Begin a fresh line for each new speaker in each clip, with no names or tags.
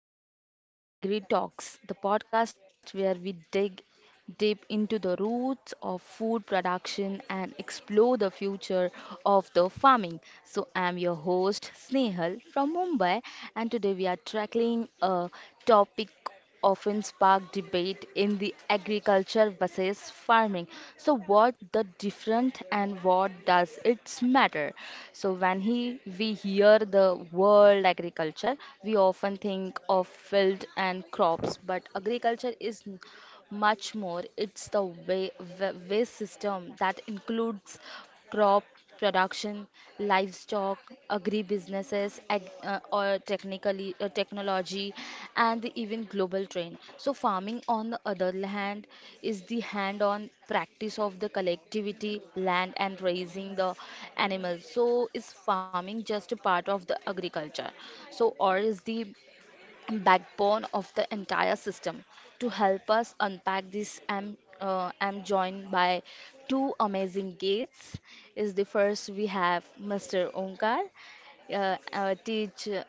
and welcome to Agri Talks, the podcast where we dig deep into the roots of food production and explore the future of the farming. So, I'm your host Snehal from Mumbai, and today we are tackling a topic often spark debate in the agriculture versus farming. So, what the different and what does it matter? So, when he we hear the word agriculture, we often think of field and crops, but agriculture is much more, it's the waste system that includes crop production, livestock, agribusinesses, or technically technology, and even global trend. So farming, on the other hand, is the hand-on practice of the collectivity, land, and raising the animals. So is farming just a part of the agriculture? So or is the backbone of the entire system. To help us unpack this, I'm joined by two amazing guests. Is the first we have Mr. Onkar, a teacher,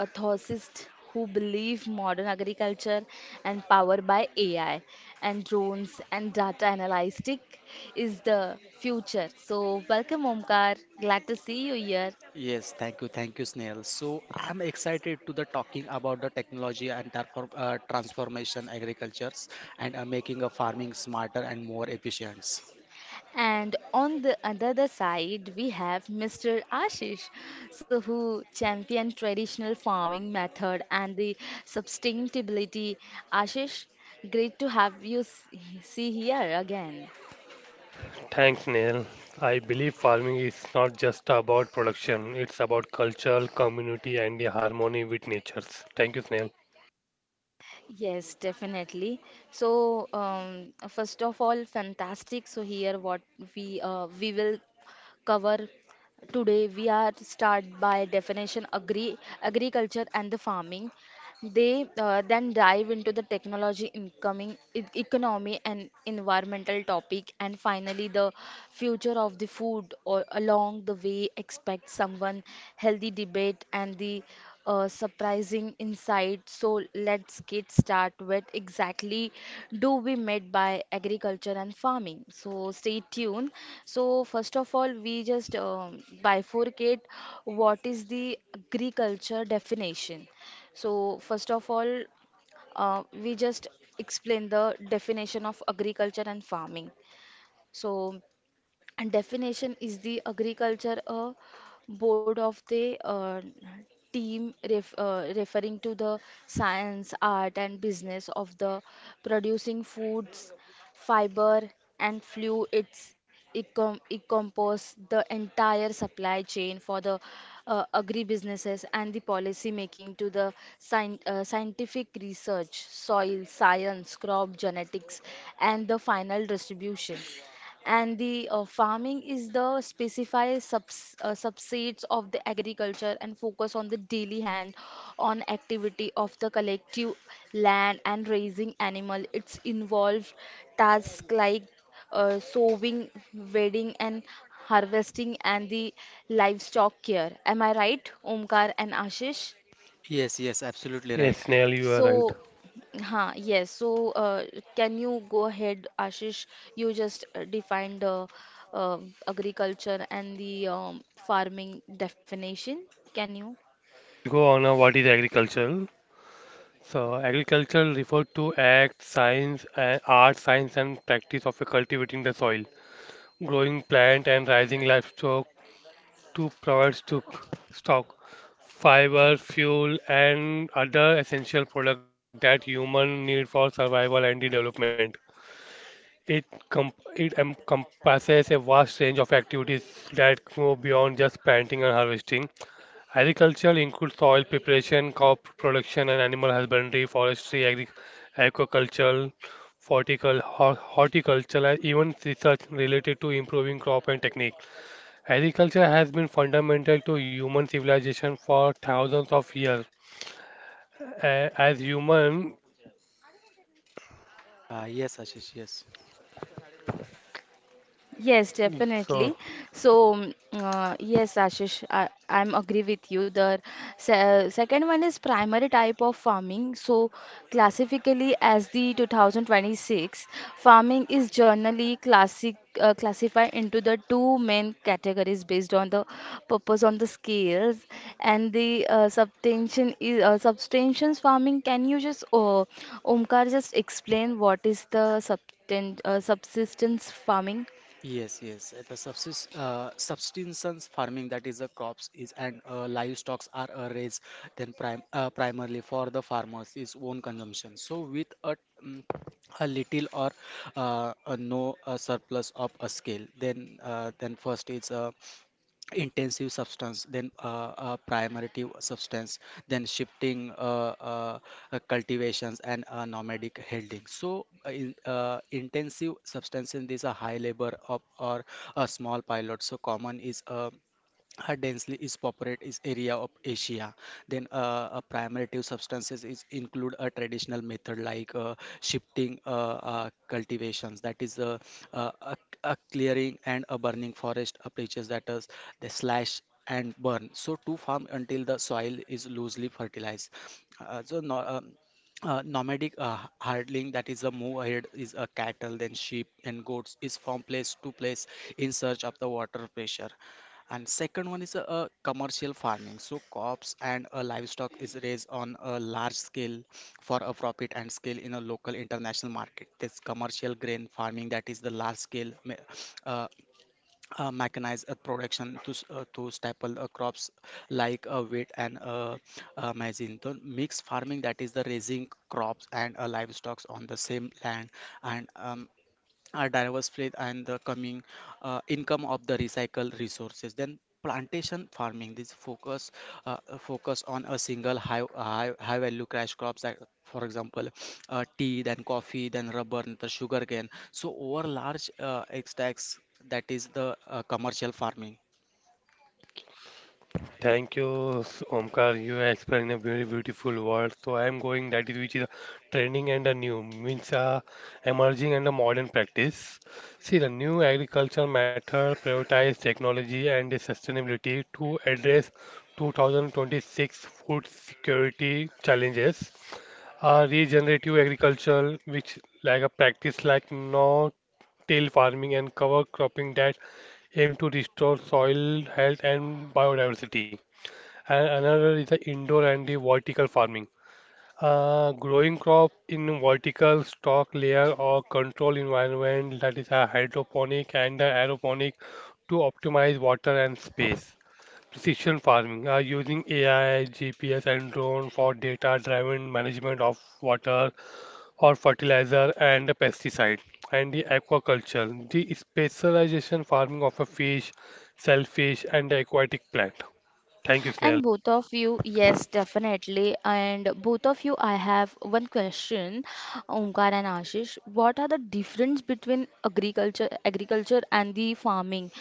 a thosist who believe modern agriculture and powered by AI and drones and data analytic is the future. So welcome Omkar, glad to see you here.
Yes, thank you, Snail. So I'm excited to the talking about the technology and transformation agricultures and making a farming smarter and more efficient.
And on the other side, we have Mr. Ashish, so who championed traditional farming method and the sustainability. Ashish, great to have you see here again.
Thanks, Neil. I believe farming is not just about production, it's about culture, community, and the harmony with nature. Thank you, Snail.
Yes, definitely. So, first of all, fantastic. So here, what we will cover today we are start by definition agri agriculture and the farming. They then dive into the technology, incoming economy, and environmental topic, and finally the future of the food. Or along the way, expect someone healthy debate and the surprising insight. So let's get start with exactly do we meant by agriculture and farming. So stay tuned. So first of all, we just bifurcate what is the agriculture definition. So, first of all, we just explain the definition of agriculture and farming. So, and definition is the agriculture board of the team referring to the science, art, and business of the producing foods, fiber, and fluids. It compose the entire supply chain for the agribusinesses and the policy making to the scientific research, soil science, crop genetics, and the final distribution and the farming is the specified subsets of the agriculture and focus on the daily hand on activity of the collective land and raising animal. It's involved tasks like sowing, weeding and harvesting and the livestock care. Am I right, Omkar and Ashish?
Yes, yes, absolutely
Yes,
right.
Snail, you are right.
So, yes. So, can you go ahead, Ashish? You just defined the agriculture and the farming definition. Can you?
Go on now, what is agriculture? So, agriculture refers to act, science, and art, science, and practice of cultivating the soil, growing plant and raising livestock to provide stock, fiber, fuel, and other essential products that human need for survival and the development. It encompasses a vast range of activities that go beyond just planting and harvesting. Agriculture includes soil preparation, crop production, and animal husbandry, forestry, agri aquaculture, horticulture, and even research related to improving crop and technique. Agriculture has been fundamental to human civilization for thousands of years. As human,
Yes, Ashish, yes.
Yes,
so
definitely. So, yes, Ashish, I'm agree with you. The se second one is primary type of farming. So, classically as the 2026, farming is generally classic classified into the two main categories based on the purpose on the scales and the subtensions farming. Can you just Omkar just explain what is the subten subsistence farming?
Yes, yes. The subsistence farming, that is the crops is and livestock are raised then primarily for the farmers is own consumption. So with mm, a little or a no surplus of a scale, then first is intensive substance then primitive substance then shifting cultivations and nomadic holding so intensive substances these are high labor of or a small pilot so common is her densely is populated is area of Asia. Then a primitive substances is include a traditional method like shifting cultivations that is uh, a, a clearing and a burning forest approaches that is the slash and burn so to farm until the soil is loosely fertilized. So no, nomadic herding that is a move ahead is a cattle then sheep and goats is from place to place in search of the water pressure and second one is commercial farming. So crops and livestock is raised on a large scale for a profit and scale in a local international market. This commercial grain farming that is the large scale uh, mechanized production to staple crops like wheat and maize. So mixed farming that is the raising crops and livestock on the same land and our diverse fleet and the coming income of the recycled resources then plantation farming this focus on a single high value cash crops that for example tea then coffee then rubber and the sugar cane so over large extracts that is the commercial farming.
thank you, Omkar. You explained a very beautiful word. So I am going that is which is a trending and a new means a emerging and a modern practice. See, the new agriculture method prioritize technology and the sustainability to address 2026 food security challenges. A regenerative agriculture, which like a practice like no till farming and cover cropping that aim to restore soil health and biodiversity. And another is the indoor and the vertical farming. Growing crop in vertical stock layer or control environment that is a hydroponic and a aeroponic to optimize water and space. Precision farming using AI, GPS, and drone for data-driven management of water or fertilizer and pesticide. And the aquaculture, the specialization farming of a fish, shellfish, and aquatic plant. Thank you,
And
Sneha.
both of you, yes, definitely. And both of you, I have one question, Omkar and Ashish. What are the difference between agriculture and the farming?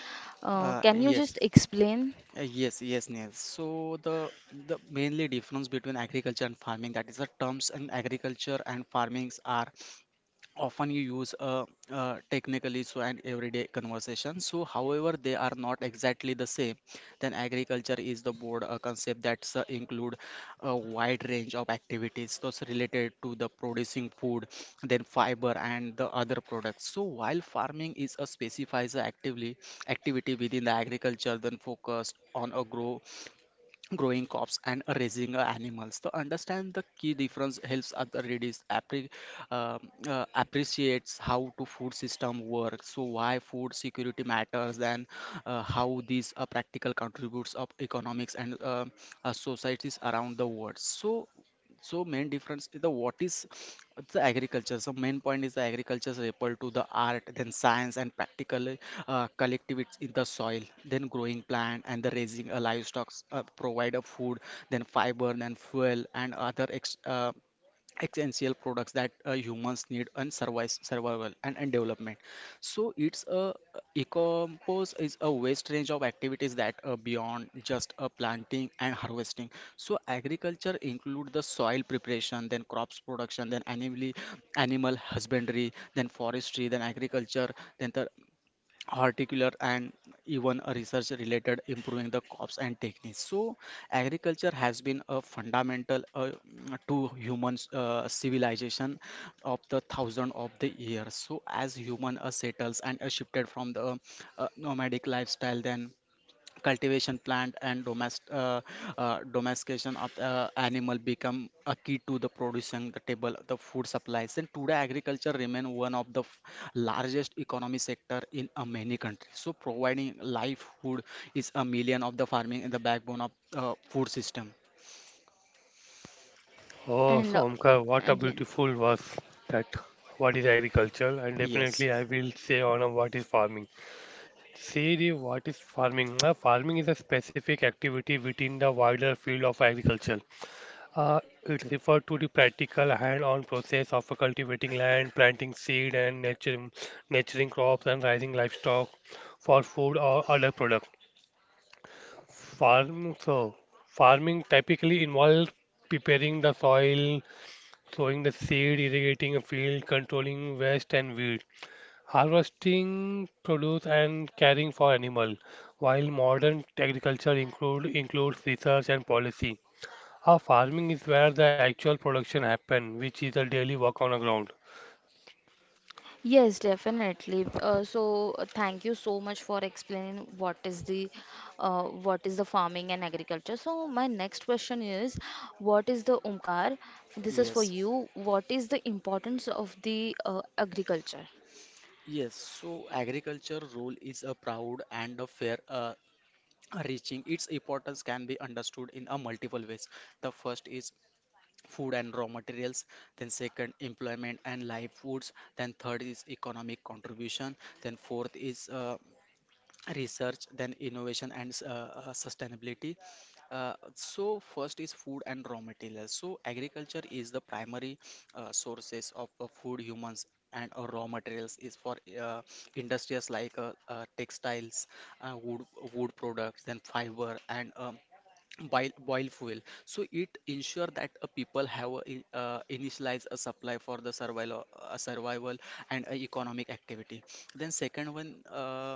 uh,
Can you
yes
just explain?
Yes, yes, Neil. So the the mainly difference between agriculture and farming, that is the terms in agriculture and farmings are often you use technically so and everyday conversation so however they are not exactly the same then agriculture is the broad concept that's include a wide range of activities those related to the producing food then fiber and the other products so while farming is a specifies actively activity within the agriculture then focused on a growing crops and raising animals. To understand the key difference helps other readers um, appreciates how to food system works, so why food security matters, and how these practical contributes of economics and societies around the world. So so main difference is the what is it's the agriculture. So main point is the agriculture is equal to the art, then science and practical collectivities in the soil, then growing plant and the raising livestock provide a food, then fiber, then fuel and other essential products that humans need and survive survival and development so it's a ecompose is a vast range of activities that are beyond just planting and harvesting so agriculture include the soil preparation then crops production then animal husbandry then forestry then agriculture then the horticulture and even a research related improving the crops and techniques so agriculture has been a fundamental to humans civilization of the thousand of the years so as human settles and shifted from the nomadic lifestyle then cultivation plant and domestication of the animal become a key to the producing the table the food supplies and today agriculture remain one of the largest economy sector in many countries so providing livelihood is a million of the farming and the backbone of food system.
Oh,
And
so Omkar, what a
yes.
beautiful verse that what is agriculture and
yes
definitely I will say on a what is farming. See the what is farming. Farming is a specific activity within the wider field of agriculture. It refers to the practical hand-on process of cultivating land, planting seed and nurturing crops and raising livestock for food or other products. Farm so Farming typically involves preparing the soil, sowing the seed, irrigating a field, controlling waste and weed, harvesting produce and caring for animal. While modern agriculture includes research and policy. Our farming is where the actual production happen, which is a daily work on the ground.
Yes, definitely. So thank you so much for explaining what is the farming and agriculture. So my next question is, what is the Omkar? This is for
yes
you. What is the importance of the agriculture?
Yes, so agriculture role is a proud and a fair reaching. Its importance can be understood in a multiple ways. The first is food and raw materials then second employment and livelihoods then third is economic contribution then fourth is research then innovation and sustainability. So first is food and raw materials so agriculture is the primary sources of food humans and raw materials is for industries like textiles wood products then fiber and boil fuel so it ensure that people have initialize a supply for the survival and economic activity then second one uh,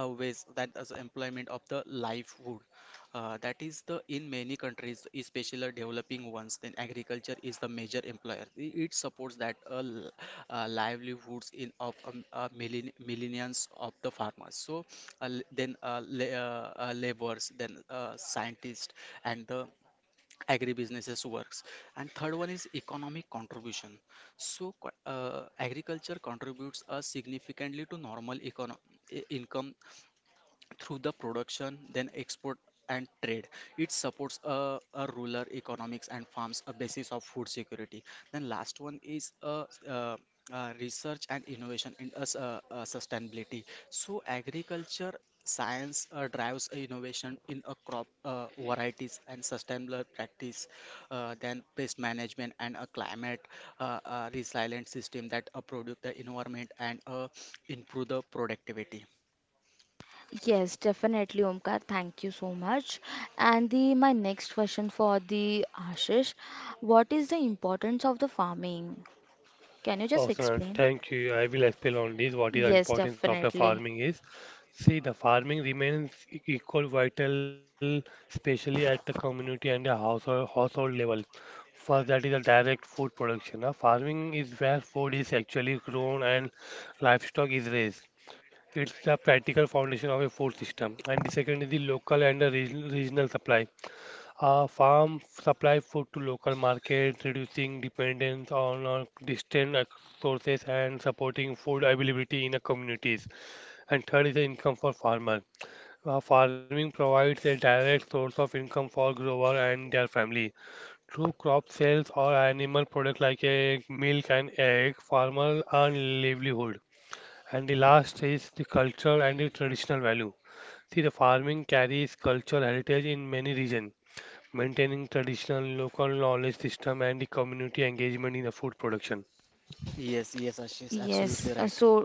uh, ways that as employment of the livelihood that is the in many countries especially developing ones then agriculture is the major employer it supports that livelihoods in of millions of the farmers so l- then la laborers then scientists and the agribusinesses works and third one is economic contribution so agriculture contributes significantly to normal income through the production, then export and trade. It supports a rural economics and farms a basis of food security. Then last one is research and innovation in us sustainability. So agriculture science drives innovation in a crop varieties and sustainable practice then pest management and a climate resilient system that produce the environment and improve the productivity.
Yes, definitely, Omkar. Thank you so much. And the my next question for the Ashish, what is the importance of the farming? Can you just
Awesome,
explain?
thank you. I will explain on this what is the
Yes,
importance of the
definitely.
farming is. See, the farming remains equal vital, especially at the community and the household level. First, that is the direct food production. Now, farming is where food is actually grown and livestock is raised. It's the practical foundation of a food system. And the second is the local and the regional supply. Farm supply food to local markets, reducing dependence on distant sources and supporting food availability in the communities. And third is the income for farmer. Farming provides a direct source of income for grower and their family. Through crop sales or animal products like a milk and egg, farmers earn livelihood. And the last is the cultural and the traditional value. See, the farming carries cultural heritage in many regions maintaining traditional local knowledge system and the community engagement in the food production.
Yes, yes, Ashish,
Yes,
absolutely right.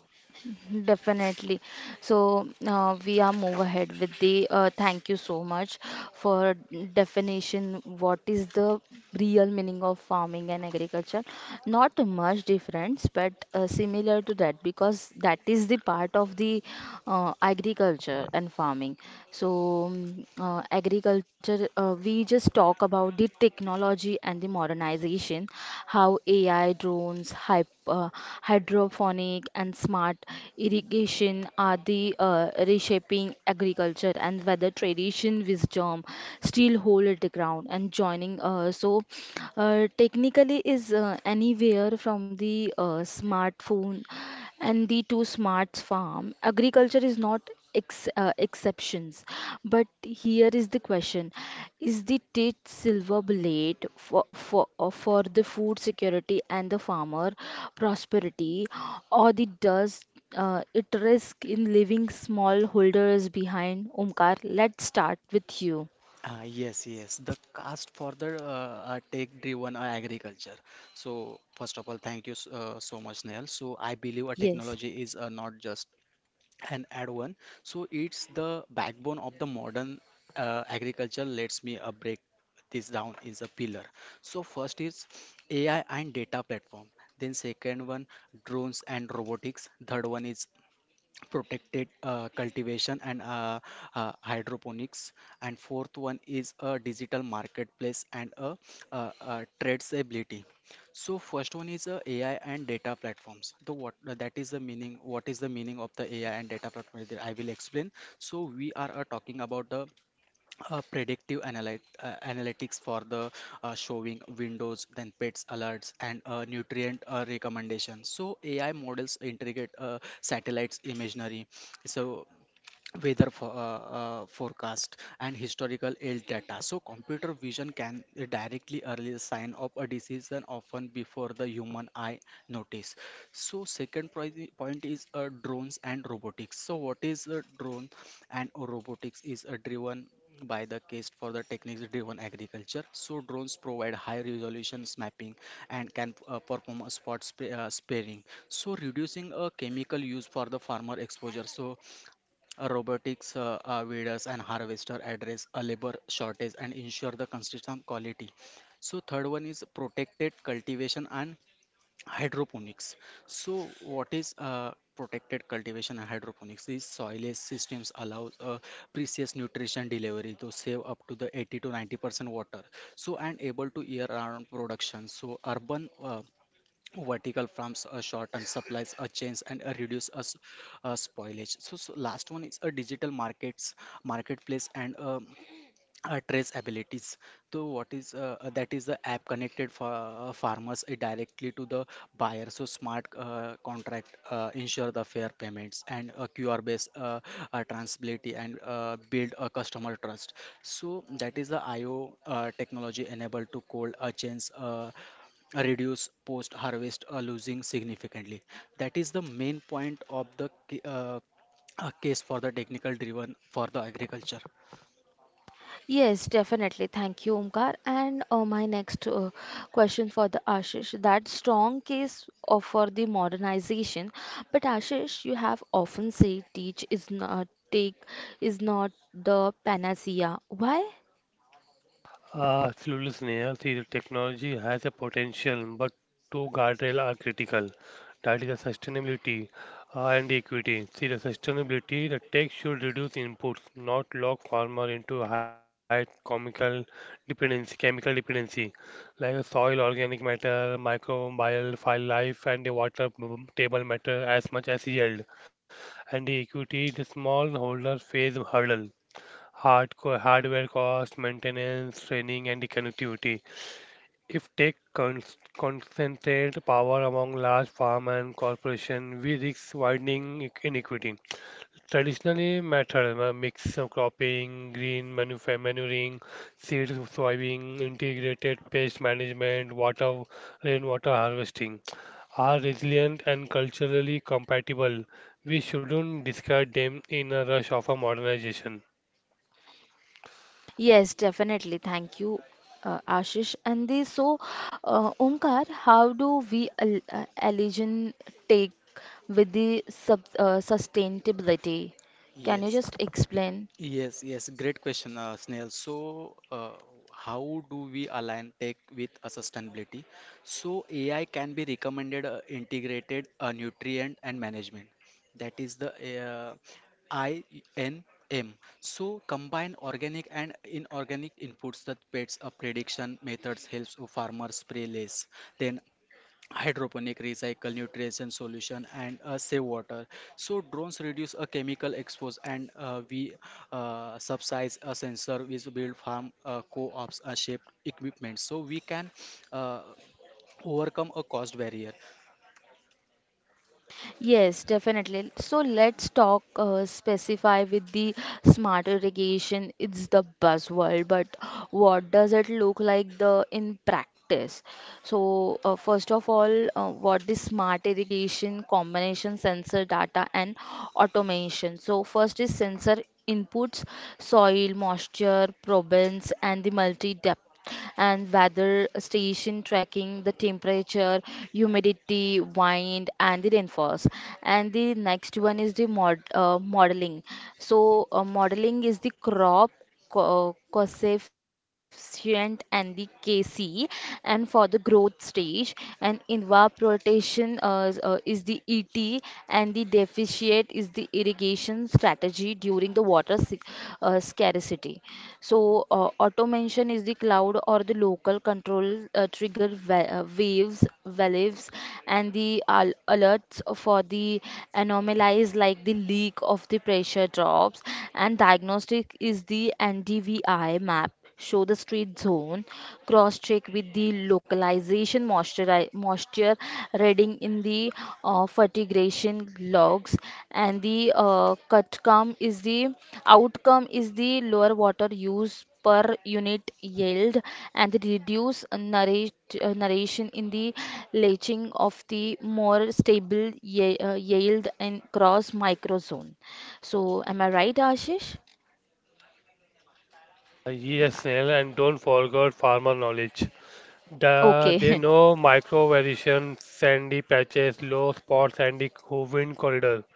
definitely. So we are move ahead with the thank you so much for definition. What is the real meaning of farming and agriculture? Not much difference, but similar to that because that is the part of the agriculture and farming. So, agriculture, we just talk about the technology and the modernization, how AI, drones, hy hydroponic, and smart irrigation are the reshaping agriculture, and whether tradition, wisdom still hold the ground and joining. So, technically, is anywhere from the smartphone and the two smarts farm agriculture is not exceptions, but here is the question is the tit silver bullet for for the food security and the farmer prosperity, or the does it risk in leaving smallholders behind. Omkar, let's start with you.
Yes, yes, the cast for the tech-driven agriculture. So, first of all, thank you so much, Neil. So, I believe a
Yes.
technology is not just an add-on. So, it's the backbone of the modern agriculture. Let's me break this down is a pillar. So, first is AI and data platform. Then second one, drones and robotics. Third one is protected cultivation and hydroponics and fourth one is a digital marketplace and traceability. So first one is a AI and data platforms the what that is the meaning what is the meaning of the AI and data platform is that I will explain. So we are talking about the predictive analytics for the showing windows then pets alerts and nutrient recommendations. So AI models integrate satellites imaginary so weather forecast and historical ill data. So computer vision can directly early sign of a disease and often before the human eye notice. So second point is drones and robotics. So what is a drone and robotics is driven by the case for the techniques driven agriculture. So drones provide high resolution mapping and can perform a sparing so reducing a chemical use for the farmer exposure. So robotics weeders and harvester address a labor shortage and ensure the consistent quality. So third one is protected cultivation and hydroponics. So what is protected cultivation and hydroponics? These soilless systems allow precious nutrition delivery to save up to the 80 to 90% water. So and able to year-round production. So urban vertical farms shorten supplies chains and reduce spoilage. So, so last one is a digital markets marketplace and trace abilities. So what is that is the app connected for farmers directly to the buyer. So smart contract ensure the fair payments and QR based transparency and build a customer trust. So that is the IO technology enabled to cold chains reduce post harvest losing significantly. That is the main point of the case for the technical driven for the agriculture.
Yes, definitely. Thank you, Omkar. And my next question for the Ashish, that strong case of, for the modernization. But Ashish, you have often said teach is not take is not the panacea. Why?
Absolutely, Sneha. See, the technology has a potential, but two guardrails are critical. That is the sustainability and the equity. See, the sustainability, the tech should reduce inputs, not lock farmer into high chemical dependency, like a soil, organic matter, microbial, file life, and the water table matter as much as yield. And the equity, the smallholders face hurdle, hard hardware cost, maintenance, training, and the connectivity. If tech concentrate power among large farm and corporation, we risk widening inequity. Traditionally, method mix of cropping, green manuring, seed sowing, integrated pest management, water, rainwater harvesting are resilient and culturally compatible. We shouldn't discard them in a rush of a modernization.
Yes, definitely. Thank you, Ashish. And this, so, Omkar, how do we al allegiance take with the sub sustainability? Can you
yes
just explain?
Yes, yes, great question, Snail. So, how do we align tech with sustainability? So, AI can be recommended integrated nutrient and management. That is the INM. So, combine organic and inorganic inputs that pets a prediction methods helps farmers spray less. Then hydroponic recycle nutrition solution and save water. So drones reduce a chemical expose and we subsidize a sensor which build farm co-ops shaped equipment so we can uh, overcome a cost barrier.
Yes, definitely. So let's talk specify with the smart irrigation. It's the buzzword, but what does it look like the in practice? So, first of all, what is smart irrigation combination sensor data and automation? So, first is sensor inputs, soil, moisture, province, and the multi depth and weather station tracking the temperature, humidity, wind and the rainfalls, and the next one is the modeling. So modeling is the crop coefficient and the kc and for the growth stage and evaporation is the et, and the deficit is the irrigation strategy during the water scarcity. So, automation is the cloud or the local control trigger waves, valves, and the alerts for the anomalies like the leak of the pressure drops. And diagnostic is the NDVI map show the street zone, cross check with the localization moisture reading in the fertigation logs, and the cutcome is the outcome is the lower water use per unit yield and the reduce narration in the leaching of the more stable yield and cross microzone. So, am I right, Ashish?
Yes, Snehal, and don't forget farmer knowledge.
Okay,
They know micro variation, sandy patches, low spots, sandy wind corridor.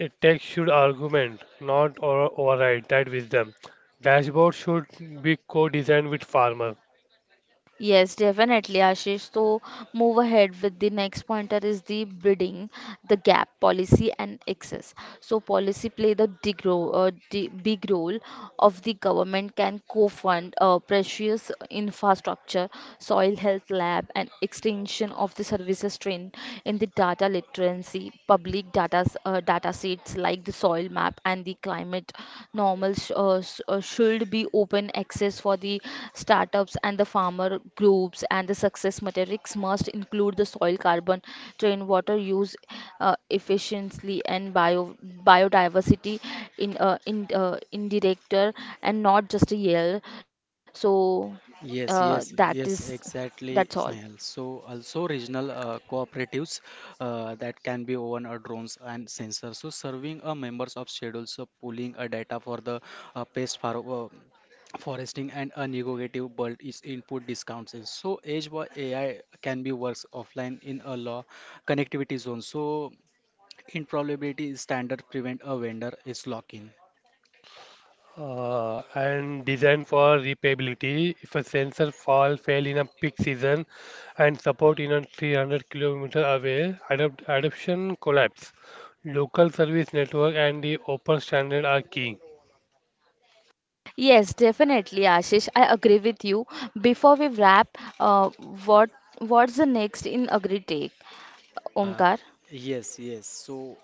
A text should argument, not override that wisdom. Dashboard should be co-designed with farmer
Yes, definitely, Ashish. So, move ahead with the next pointer is the bidding, the gap policy and access. So, policy play the big role, of the government can co-fund precious infrastructure, soil health lab, and extension of the services trained in the data literacy, public data sets like the soil map and the climate internet normal should be open access for the startups and the farmer groups, and the success metrics must include the soil carbon, drain water use efficiently and biodiversity in director and not just a yell. So
Yes,
that
yes,
is
yes,
that's all.
exactly, Snehal. So also regional cooperatives that can be own drones and sensors, so serving members of schedules, so pulling data for the pest farm foresting and a negative but its input discounts is. So edge by AI can be works offline in a law connectivity zone. So in probability standard prevent a vendor is lock-in.
and designed for repairability. If a sensor fall fail in a peak season and support in a 300 kilometer away, adapt, adoption collapse. Local service network and the open standard are key.
Yes, definitely, Ashish. I agree with you. Before we wrap, uh, what what's the next in AgriTech?
uh,
Omkar.
yes, yes. So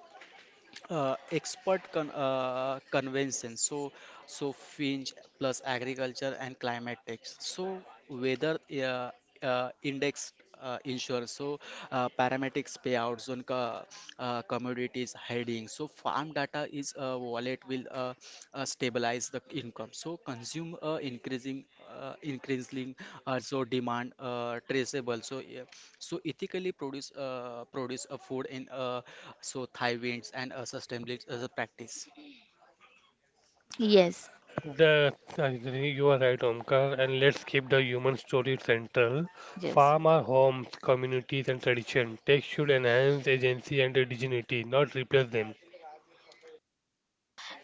expert convention. So so finch plus agriculture and climate tax. So weather uh, index insurance. So parametrics payouts on commodities heading. So farm data is a wallet will stabilize the income. So consume increasing also demand traceable. So yeah. So ethically produce a food in so thigh winds and sustainability as a practice.
Yes.
I think you are right, Omkar, and let's keep the human story central.
Yes.
Farm our homes, communities, and tradition. Tech should enhance agency and dignity, not replace them.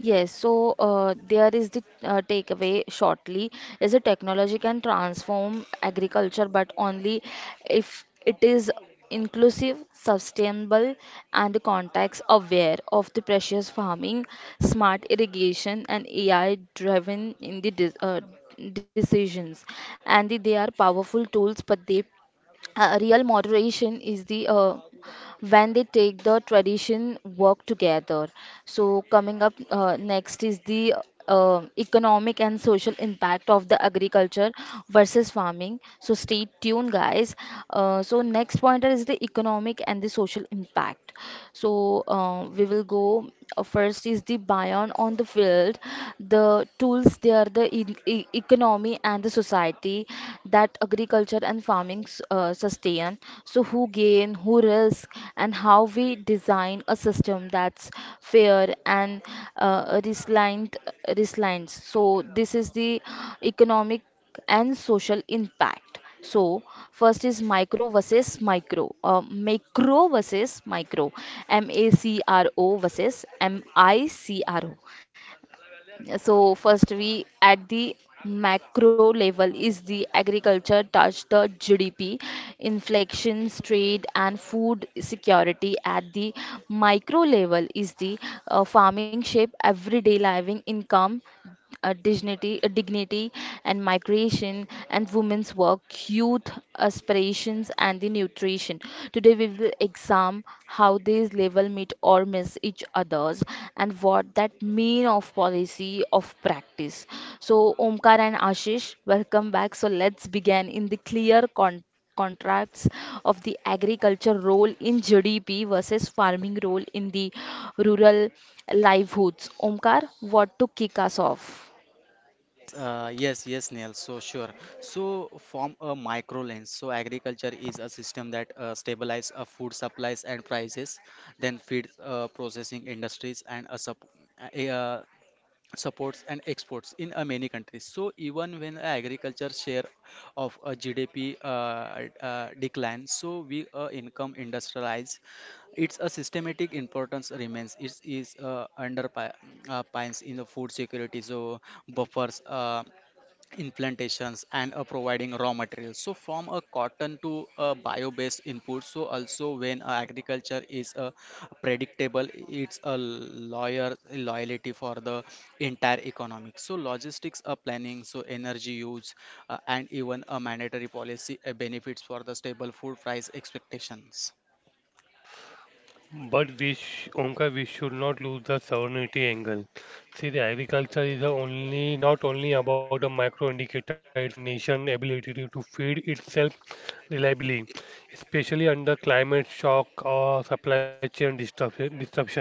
Yes, so there is the takeaway shortly is a technology can transform agriculture, but only if it is inclusive, sustainable, and context aware of the precious farming, smart irrigation, and AI driven in the decisions. And they are powerful tools, but they real moderation is the when they take the tradition work together. So coming up next is the economic and social impact of the agriculture versus farming. So stay tuned, guys. Uh, so next pointer is the economic and the social impact. So we will go first is the bion on the field, the tools they are the economy and the society that agriculture and farming sustain. So who gain, who risk, and how we design a system that's fair and uh, resilient, resilient. So this is the economic and social impact. So, first is macro versus micro, MACRO versus MICRO. So, first we at the macro level is the agriculture touch the GDP, inflections, trade, and food security. At the micro level is the farming shape everyday living income, dignity and migration and women's work, youth aspirations and the nutrition. Today we will examine how these levels meet or miss each others and what that mean of policy of practice. So Omkar and Ashish, welcome back. So let's begin in the clear context contrasts of the agriculture role in GDP versus farming role in the rural livelihoods. Omkar, what to kick us off?
Yes, yes, Neil. So sure. So form a micro lens. So agriculture is a system that stabilize food supplies and prices, then feed processing industries and a uh, supports and exports in many countries. So even when agriculture share of a gdp decline, so we income industrialize, its a systematic importance remains. It is under pi- pines in the food security. So buffers in plantations and providing raw materials, so from a cotton to a bio-based input. So also when agriculture is predictable, it's a lawyer loyalty for the entire economic. So logistics planning, so energy use and even a mandatory policy benefits for the stable food price expectations.
But we, sh Omkar, we should not lose the sovereignty angle. See, the agriculture is the only not only about a micro indicator; it's about a nation's ability to feed itself reliably, especially under climate shock or supply chain disruption.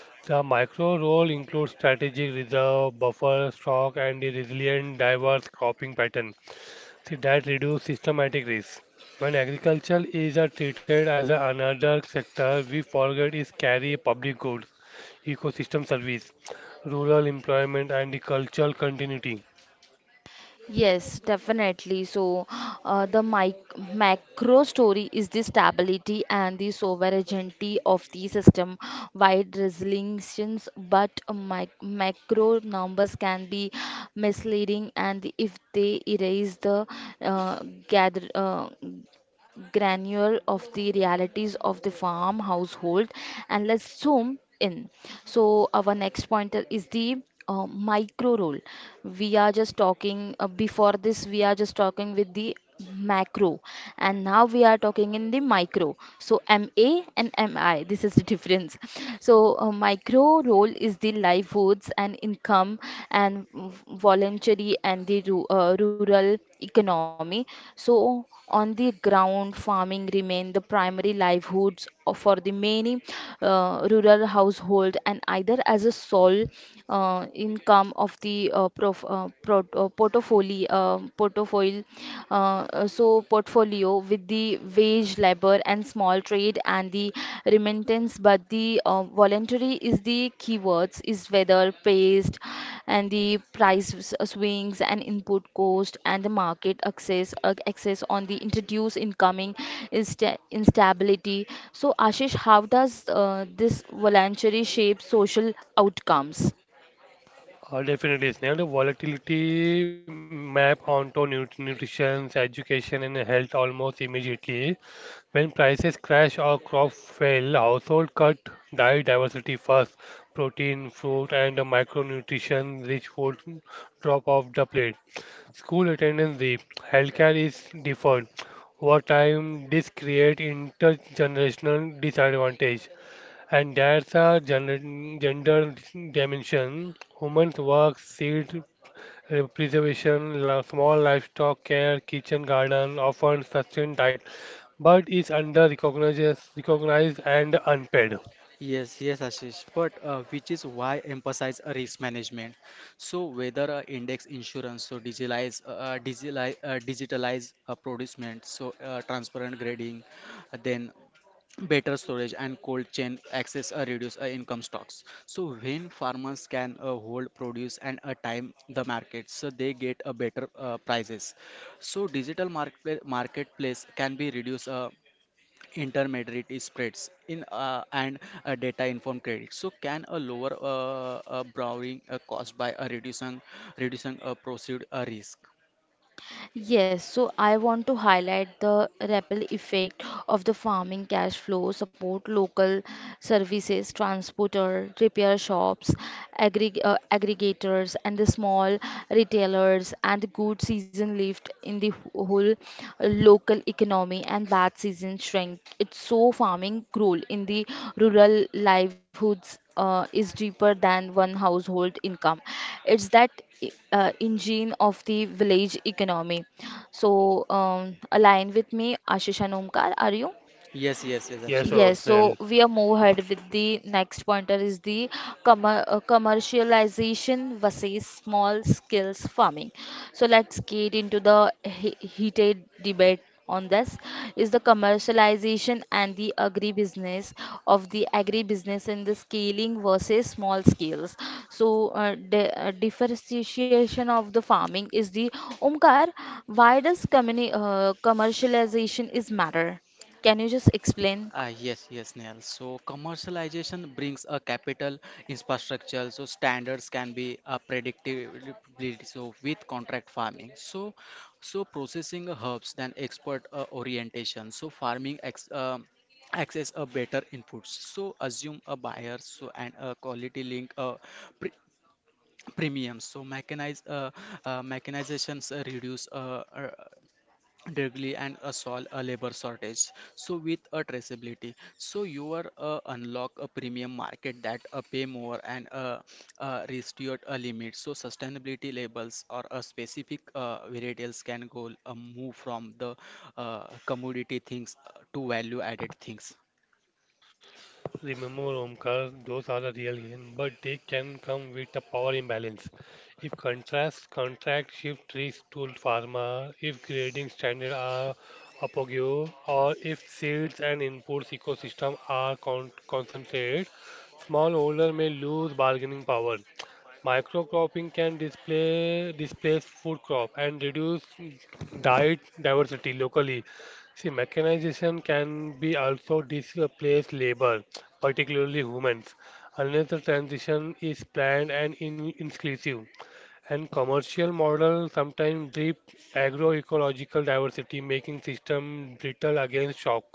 The micro role includes strategic reserve, buffer stock, and a resilient, diverse cropping pattern. See, that reduce systematic risk. When agriculture is treated as a another sector, we forget it carry public goods, ecosystem service, rural employment, and the cultural continuity.
Yes, definitely. So, the mic macro story is the stability and the sovereignty of the system wide resolutions, but mic macro numbers can be misleading, and if they erase the gather granule of the realities of the farm household, and let's zoom in. So our next point is the micro role. We are just talking before this. We are just talking with the macro, and now we are talking in the micro. So MA and MI. This is the difference. So micro role is the livelihoods and income and voluntary and the rural economy. So on the ground, farming remain the primary livelihoods for the many rural household, and either as a sole income of the portfolio portfolio with the wage labor and small trade and the remittance. But the voluntary is the keywords, is whether paste and the price swings and input cost and the market access on the introduce incoming instability. So, Ashish, how does this voluntary shape social outcomes?
Definitely, Snehal. The volatility map onto nutrition, education, and health almost immediately. When prices crash or crop fail, household cut diet diversity first. Protein, fruit, and the micronutrition rich food drop off the plate. School attendance dip. Healthcare is deferred. Over time, this creates intergenerational disadvantage. And there's a gender dimension. Women's work, seed preservation, small livestock care, kitchen garden often sustain diet, but is under recognized, recognized and unpaid.
Yes, yes, Ashish. But which is why emphasize a risk management. So whether index insurance, so digitalize producement, so transparent grading, then better storage and cold chain access reduce income stocks. So when farmers can hold produce and time the market, so they get a better prices. So digital market marketplace can be reduce intermediary spreads in and data informed credit so can a lower borrowing cost by a reducing a proceed risk.
Yes, so I want to highlight the ripple effect of the farming cash flow support local services, transporter, repair shops, aggregators, and the small retailers, and the good season lift in the whole local economy, and bad season shrink. It's so farming role in the rural livelihoods is deeper than one household income. It's that engine of the village economy. So, align with me, Ashish and Omkar, are you?
Yes, yes, yes,
Yes, oh,
absolutely.
Yes, so
Snell.
we are move ahead with the next pointer is the commercialization versus small skills farming. So let's get into the he heated debate on this. Is the commercialization and the agribusiness of the agribusiness in the scaling versus small scales? So di differentiation of the farming is the Omkar. Why does communi commercialization is matter? Can you just explain?
Ah, yes, yes, Neil. So commercialization brings a capital infrastructure, so standards can be a predictability. So with contract farming, so so processing herbs than expert orientation. So farming ex, um, access a better inputs. So assume a buyer, so and a quality link pre premium. So mechanize mechanizations reduce directly and solve a labor shortage. So with a traceability, so you are unlock a premium market that pay more and restrict a limit. So sustainability labels or a specific varietals can go move from the commodity things to value added things.
Remember, Omkar, those are a real gain, but they can come with a power imbalance. If contrast contract shift risk to pharma, if grading standards are apogeo, or if seeds and inputs ecosystem are concentrated, smallholder may lose bargaining power. Microcropping can display, displace food crop and reduce diet diversity locally. See, mechanization can be also displace labor, particularly humans, unless the transition is planned and in inclusive. And commercial models sometimes drip agroecological diversity, making system brittle against shock.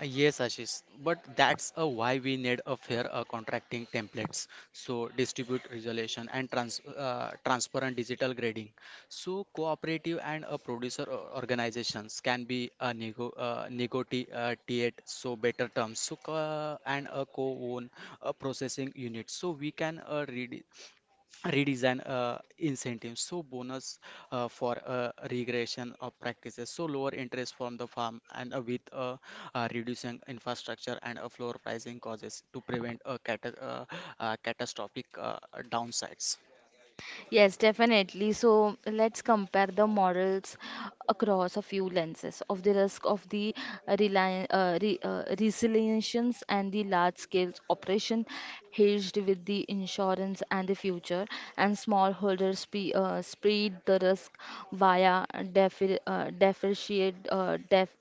Yes, Ashish, but that's why we need a fair contracting templates. So distribute resolution and transparent digital grading. So cooperative and producer organizations can be negotiate so better terms. So co- and a co-own processing unit. So we can read redesign incentives, so bonus for regression of practices, so lower interest from the farm and with reducing infrastructure and floor pricing causes to prevent catastrophic downsides.
Yes, definitely. So let's compare the models across a few lenses of the risk of the resilience and the large scale operation hedged with the insurance and the future, and smallholders spread the risk via defer, uh, deferred uh, def,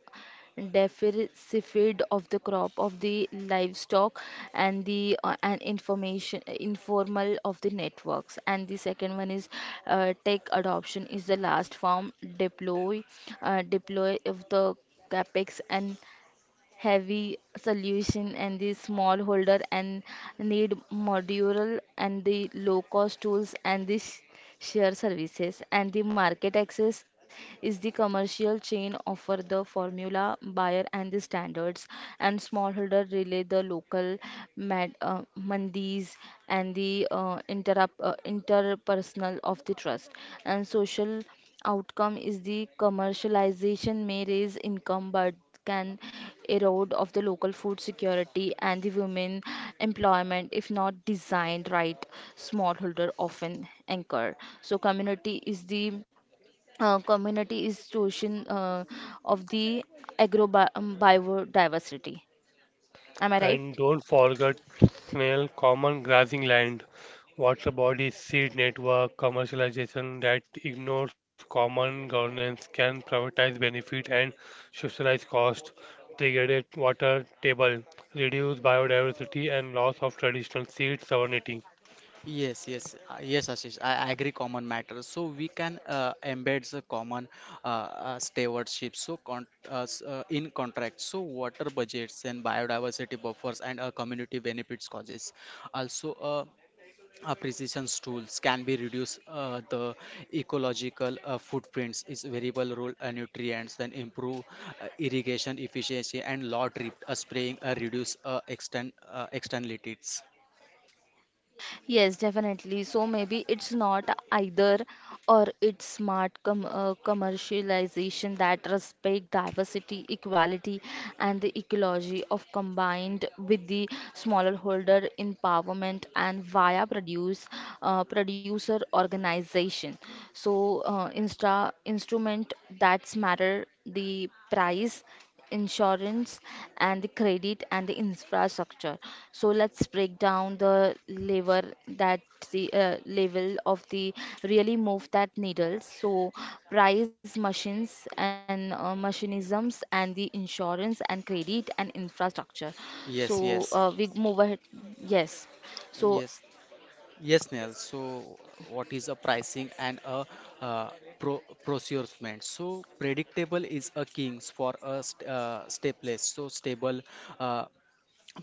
deficit of the crop of the livestock and the and information informal of the networks. And the second one is tech adoption is the last form deploy of the capex and heavy solution, and the smallholder and need modular and the low cost tools and the share services. And the market access is the commercial chain offer the formula buyer and the standards, and smallholder relay the local mandis and the interrupt interpersonal of the trust and social outcome. Is the commercialization may raise income but can erode of the local food security and the women employment if not designed right. Smallholder often anchor, so community is chosen of the agro biodiversity. Am I right?
And don't forget snail, common grazing land, water bodies, seed network, commercialization that ignores common governance can privatize benefit and socialize cost, degraded water table, reduce biodiversity and loss of traditional seed sovereignty.
Yes, yes, yes, Ashish. I agree. Common matters. So we can embed the common stewardship. So in contracts, so water budgets and biodiversity buffers and community benefits causes. Also, precision tools can be reduce the ecological footprints is variable role nutrients, then improve irrigation efficiency and lot drip spraying reduce externalities.
Yes, definitely. So maybe it's not either or it's smart commercialization that respect diversity, equality and the ecology of combined with the smaller holder empowerment and via producer organization. So insta instrument that's matter the price insurance and the credit and the infrastructure. So let's break down the lever that the level of the really move that needles. So price machines and machinisms and the insurance and credit and infrastructure. So
Yes, yes,
we move ahead. Yes. So
yes, yes, Neil. So what is a pricing and a uh, procurement. So predictable is a king for a stateless, so stable uh,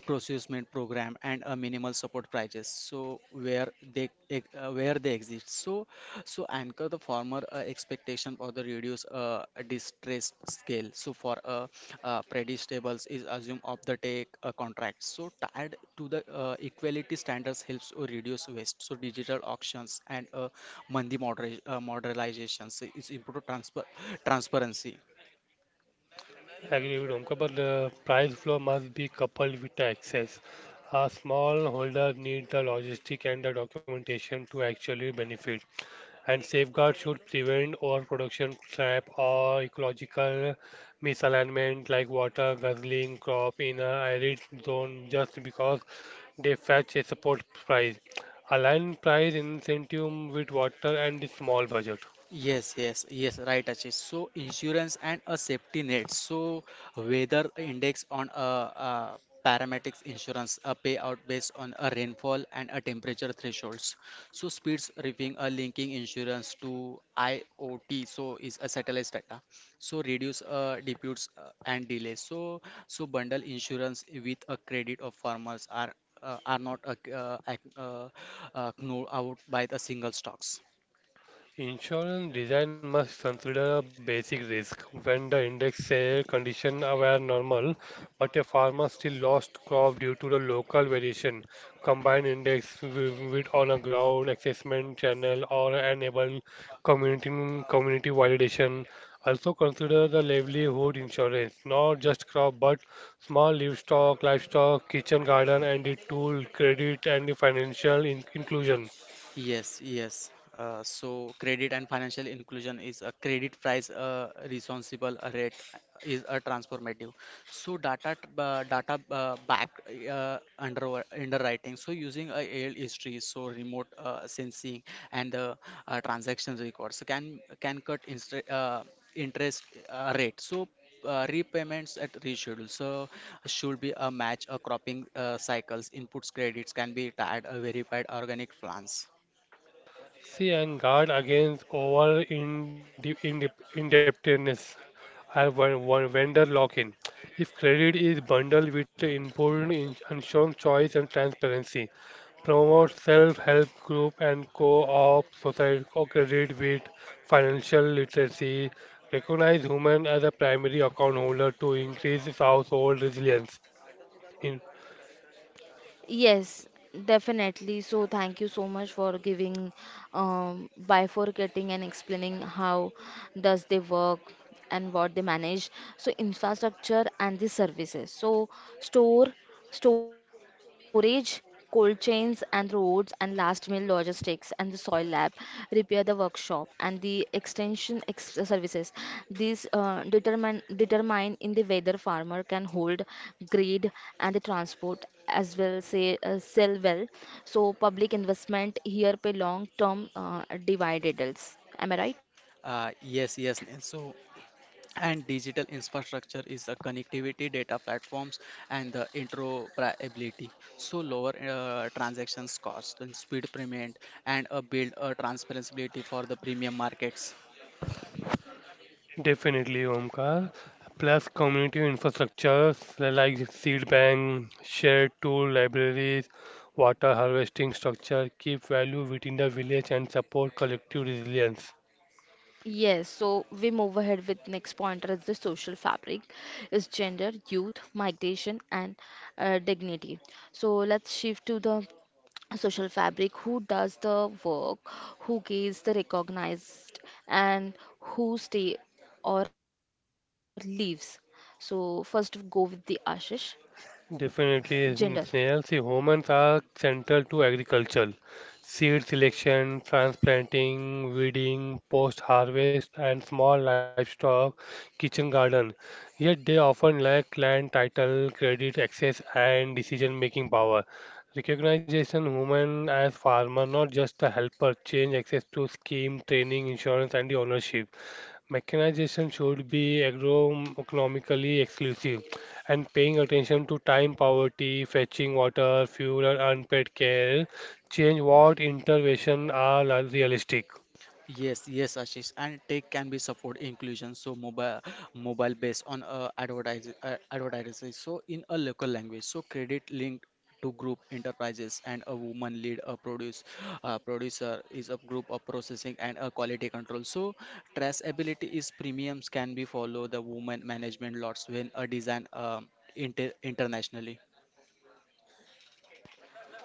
procurement program and a minimal support prices so where where they exist. So so anchor the former expectation for the reduce distress scale. So for predictables is assume of the take contract so tied to the equality standards helps to reduce waste. So digital auctions and mandi moderation modernizations is improve transfer transparency.
Agree with Omkar, but the price flow must be coupled with the access. A smallholder need the logistic and the documentation to actually benefit. And safeguards should prevent overproduction, trap, or ecological misalignment like water guzzling crop in an arid zone just because they fetch a support price. Align price incentive with water and small budget.
Yes, yes, yes, right, Ashish. So insurance and a safety net. So weather index on a, uh, paramedics insurance, a payout based on a rainfall and a temperature thresholds. So speeds reefing a linking insurance to IoT. So is a satellite data. So reduce disputes and delays. So so bundle insurance with a credit of farmers are not ac- known out by the single stocks.
Insurance design must consider a basic risk when the index say conditions were normal, but a farmer still lost crop due to the local variation. Combine index with on a ground assessment channel or enable community community validation. Also consider the livelihood insurance, not just crop but small livestock, kitchen garden, and the tool credit and the financial inclusion.
Yes, yes. So credit and financial inclusion is a credit price responsible rate is a transformative. So data back underwriting. So using AL history, so remote sensing and transaction records. So can interest rate. So repayments at reschedule. So should be a match a cropping cycles. Inputs credits can be tied a verified organic plans.
See, and guard against over in indebtedness and vendor lock-in. If credit is bundled with important insurance choice and transparency, promote self-help group and co-op society co-credit with financial literacy. Recognize women as a primary account holder to increase household resilience. In
Yes, definitely. So thank you so much for giving, bifurcating and explaining how does they work and what they manage. So infrastructure and the services. So store, storage, cold chains and roads and last mile logistics and the soil lab, repair the workshop, and the extension services. These determine in the whether farmer can hold, grade, and the transport as well say sell well. So public investment here pay long term dividends. Am I right?
Yes, yes, Neil. So, and digital infrastructure is the connectivity, data platforms, and the interoperability. So lower transactions cost and speed payment, and a build transparency for the premium markets.
definitely, Omkar. Plus, community infrastructures like the seed bank, shared tool libraries, water harvesting structure keep value within the village and support collective resilience.
Yes, so we move ahead with next pointer is the social fabric is gender, youth, migration and dignity. So let's shift to the social fabric. Who does the work? Who gets the recognized? And who stay or leaves? So first go with the Ashish. Gender.
Definitely, Snehal. See, humans are central to agriculture. Seed selection, transplanting, weeding, post-harvest, and small livestock, kitchen garden. Yet they often lack land title, credit access, and decision-making power. Recognition human as farmer, not just a helper, change access to scheme, training, insurance, and the ownership. Mechanization should be agronomically exclusive and paying attention to time poverty, fetching water, fuel, and unpaid care, change what interventions are realistic.
Yes, yes, Ashish. And tech can be support inclusion. So mobile based on advertising. So in a local language. So credit linked to group enterprises and a woman lead a producer is a group of processing and a quality control. So traceability is premiums can be follow the woman management lots when a design internationally.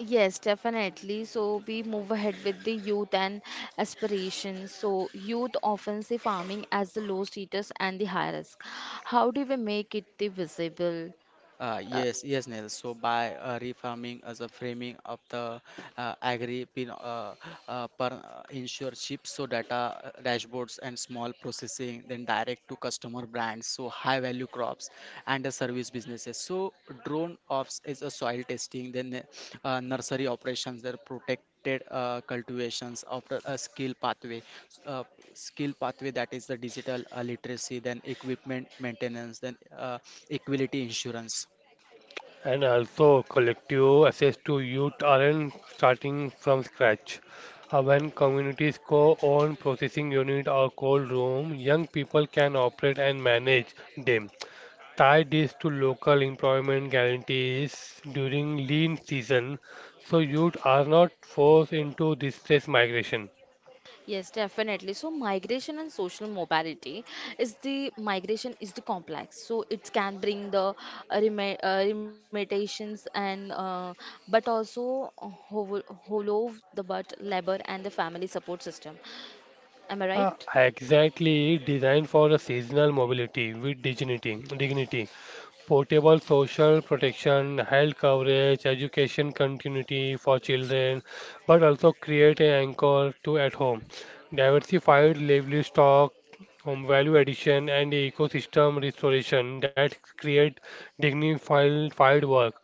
Yes, definitely. So we move ahead with the youth and aspirations. So youth often see farming as the low status and the high risk. How do we make it the visible? Uh,
Yes, yes, Neil. So by refarming as a framing of the agri pin per insure chips, so data dashboards and small processing, then direct to customer brands, so high value crops and the service businesses. So drone ops is a soil testing, then nursery operations, they're protected cultivations after a uh, skill pathway that is the digital literacy, then equipment maintenance, then equality insurance.
And also, collective access to youth aren't starting from scratch. When communities co-own processing unit or cold room, young people can operate and manage them. Tie this to local employment guarantees during lean season so youth are not forced into distress migration.
Yes, definitely. So migration and social mobility is the migration is the complex. So it can bring the rema limitations and but also hollow the but labor and the family support system. Am I right?
Exactly designed for a seasonal mobility with dignity. Portable social protection, health coverage, education continuity for children, but also create an anchor to at home. Diversified livestock, home value addition, and ecosystem restoration that create dignified field work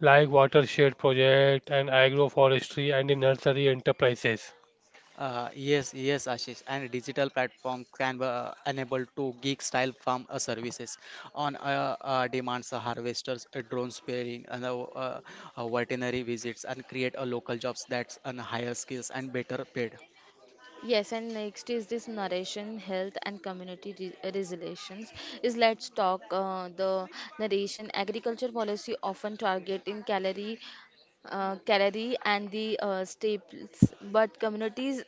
like watershed project and agroforestry and the nursery enterprises.
Yes, yes, Ashish. And digital platform can be enabled to gig style farm services on demands, harvesters, drone sparing, and veterinary visits, and create a local jobs that's on higher skills and better paid.
Yes, and next is this narration, health, and community resilience. Is let's talk the narration. Agriculture policy often target in calorie and the staples, but communities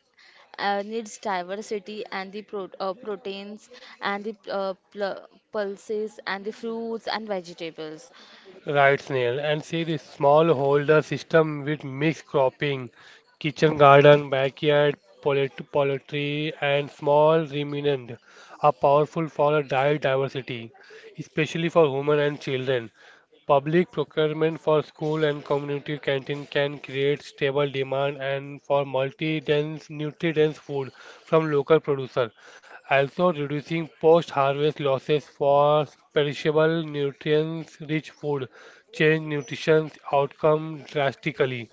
needs diversity and the proteins and the pulses and the fruits and vegetables.
Right, Snail. And see the smallholder system with mixed cropping, kitchen garden, backyard, poultry, and small ruminant are powerful for diet diversity, especially for women and children. Public procurement for school and community canteen can create stable demand and for multi-dense, nutrient-dense food from local producer, also reducing post-harvest losses for perishable nutrients-rich food, change nutrition outcome drastically.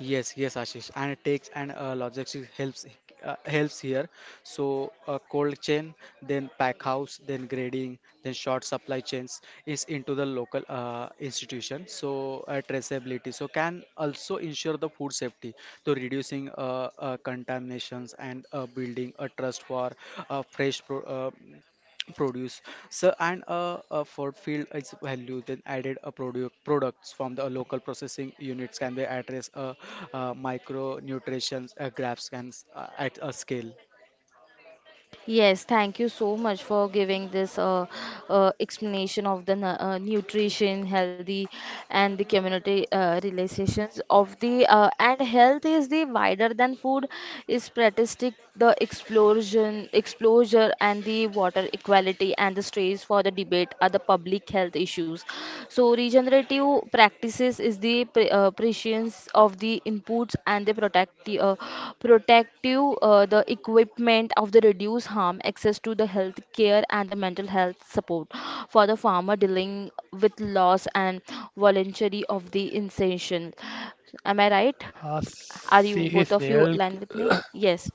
Yes, yes, Ashish, and it takes and logistics helps helps here. So cold chain, then pack house, then grading, then short supply chains is into the local institution. So traceability, so can also ensure the food safety, so reducing contaminations and building a trust for fresh pro produce. So, and a for field its value, then added a produce products from the local processing units can be address a micronutrients graphs can at a scale.
Yes, thank you so much for giving this explanation of the nutrition, healthy, and the community relations of the and health is the wider than food is statistic the explosion, exposure, and the water equality and the strains for the debate are the public health issues. So regenerative effective practices is the prescience of the inputs and the protective the equipment of the reduce harm, access to the health care and the mental health support for the farmer dealing with loss and voluntary of the insertion. Am I right? Are you
See
both of you
snail.
aligned with me? Yes.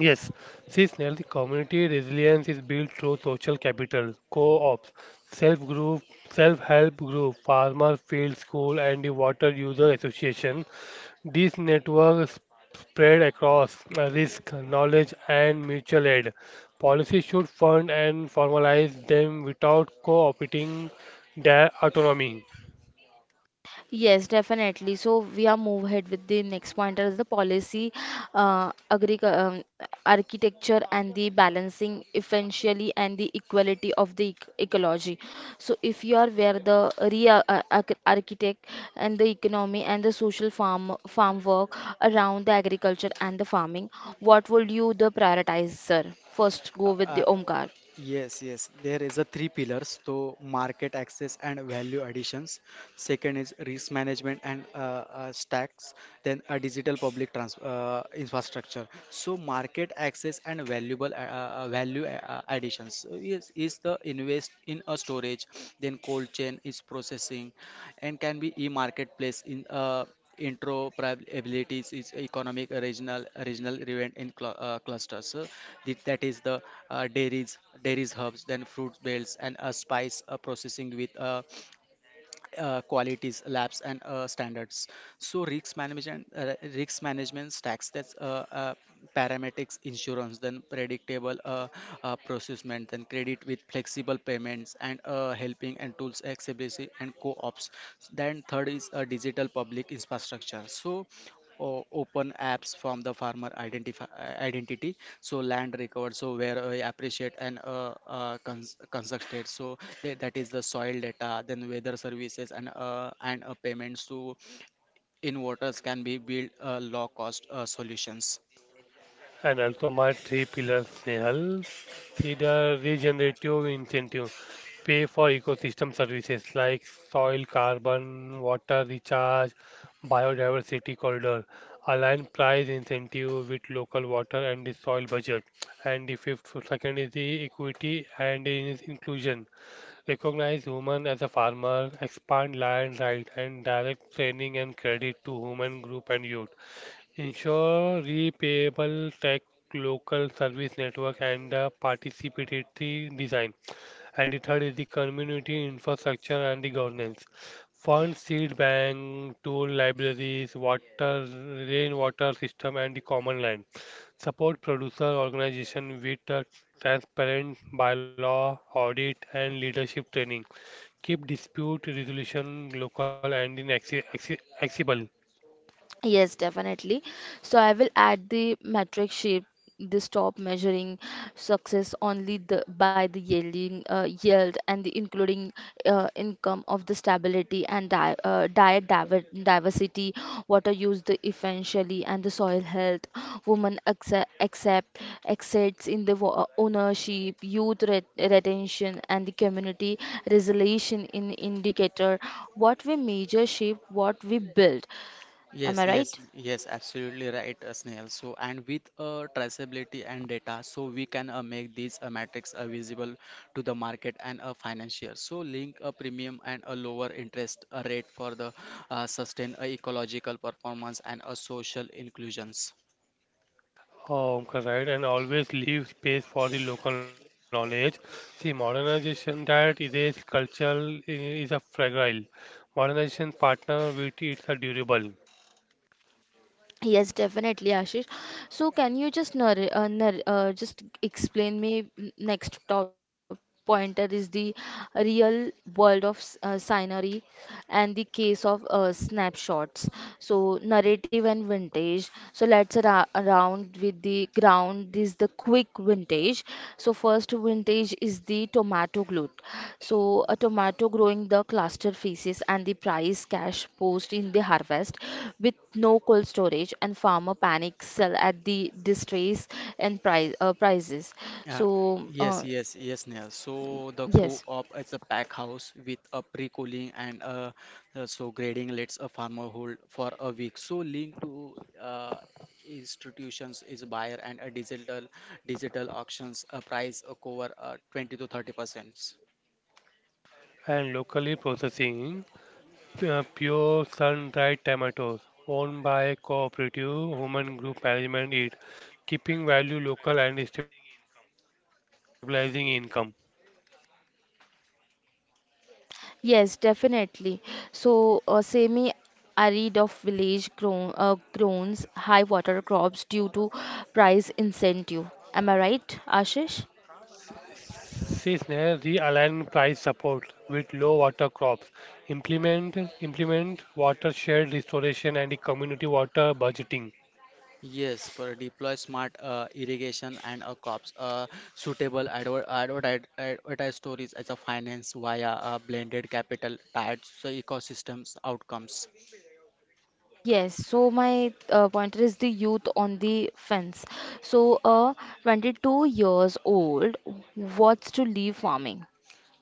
Yes, see Snell, the community resilience is built through social capital, co-ops, self-group, self-help group, farmer field school, and the water user association. These networks spread across risk, knowledge, and mutual aid. Policy should fund and formalize them without co-opting their autonomy.
Yes, definitely. So we are move ahead with the next point as the policy, agri architecture and the balancing essentially and the equality of the ec ecology. So if you are where the real architect and the economy and the social farm work around the agriculture and the farming, what would you the prioritize, sir? First,
Uh,
go with
uh,
the Omkar.
Yes, yes. There is a three pillars, so market access and value additions. Second is risk management and stacks. Then a digital public trans infrastructure. So market access and valuable value additions. So yes, is the invest in a storage. Then cold chain is processing, and can be e-marketplace in interoperabilities is economic regional event in clusters. So the, that is the dairies hubs, then fruit belts and a spice processing with qualities, labs, and standards. So risk management stacks, that's parametrics, insurance, then predictable procurement, then credit with flexible payments and helping and tools accessibility and co-ops. Then third is digital public infrastructure. So open apps from the identity, so land recovered so where I appreciate and constructed, so that is the soil data, then weather services and payments to in waters can be built low cost solutions.
And also my three pillars, Nehal, see the regenerative incentive, pay for ecosystem services like soil, carbon, water recharge, biodiversity corridor, align price incentive with local water and the soil budget. And the fifth second is the equity and inclusion. Recognize women as a farmer, expand land right and direct training and credit to women group and youth. Ensure repayable tech, local service network, and the participatory design. And the third is the community infrastructure and the governance. Fund, seed bank, tool libraries, water, rainwater system, and the common land. Support producer organization with a transparent bylaw, audit, and leadership training. Keep dispute resolution local and inaccessible.
Yes, definitely. So I will add the metric shape. This stop measuring success only the, by the yield and the including income of the stability and di diet diversity, water use the essentially and the soil health, women accept exceeds in the ownership, youth retention and the community resolution in indicator. What we measure shape, what we build. Am
Yes,
I
yes,
right?
yes, absolutely right, Snehal. So, and with traceability and data, so we can make these metrics visible to the market and financier. So, link a premium and a lower interest rate for the sustained ecological performance and social inclusions.
Correct, and always leave space for the local knowledge. See, modernization that erases culture i- is a fragile. Modernization partner with it's a durable
Yes, definitely, Ashish. So, can you just explain me next top pointer is the real world of scenery and the case of snapshots. So, narrative and vintage. So, let's ra round with the ground down this the quick vintage. So first vintage is the tomato glut. So a tomato growing the cluster phases and the price cash post in the harvest with no cold storage and farmer panic sell at the distress and price prices.
Uh,
So
yes,
uh,
yes, yes, Neil. So the
yes.
co-op is a pack house with a pre-cooling and a, so grading lets a farmer hold for a week. So link to uh, institutions is buyer and a digital auctions a price a cover 20 to 30%.
and locally processing pure sun-dried tomatoes owned by cooperative human group management it keeping value local and stabilizing income.
Yes, definitely. So, semi arid of village groans high water crops due to price incentive. Am I right, Ashish?
Seasonal realign price support with low water crops, implement watershed restoration and the community water budgeting,
Yes, for deploy smart irrigation and a cops suitable advertise stories as a finance via a blended capital tied to ecosystems outcomes.
Yes, so my pointer is the youth on the fence. So, a 22 years old wants to leave farming.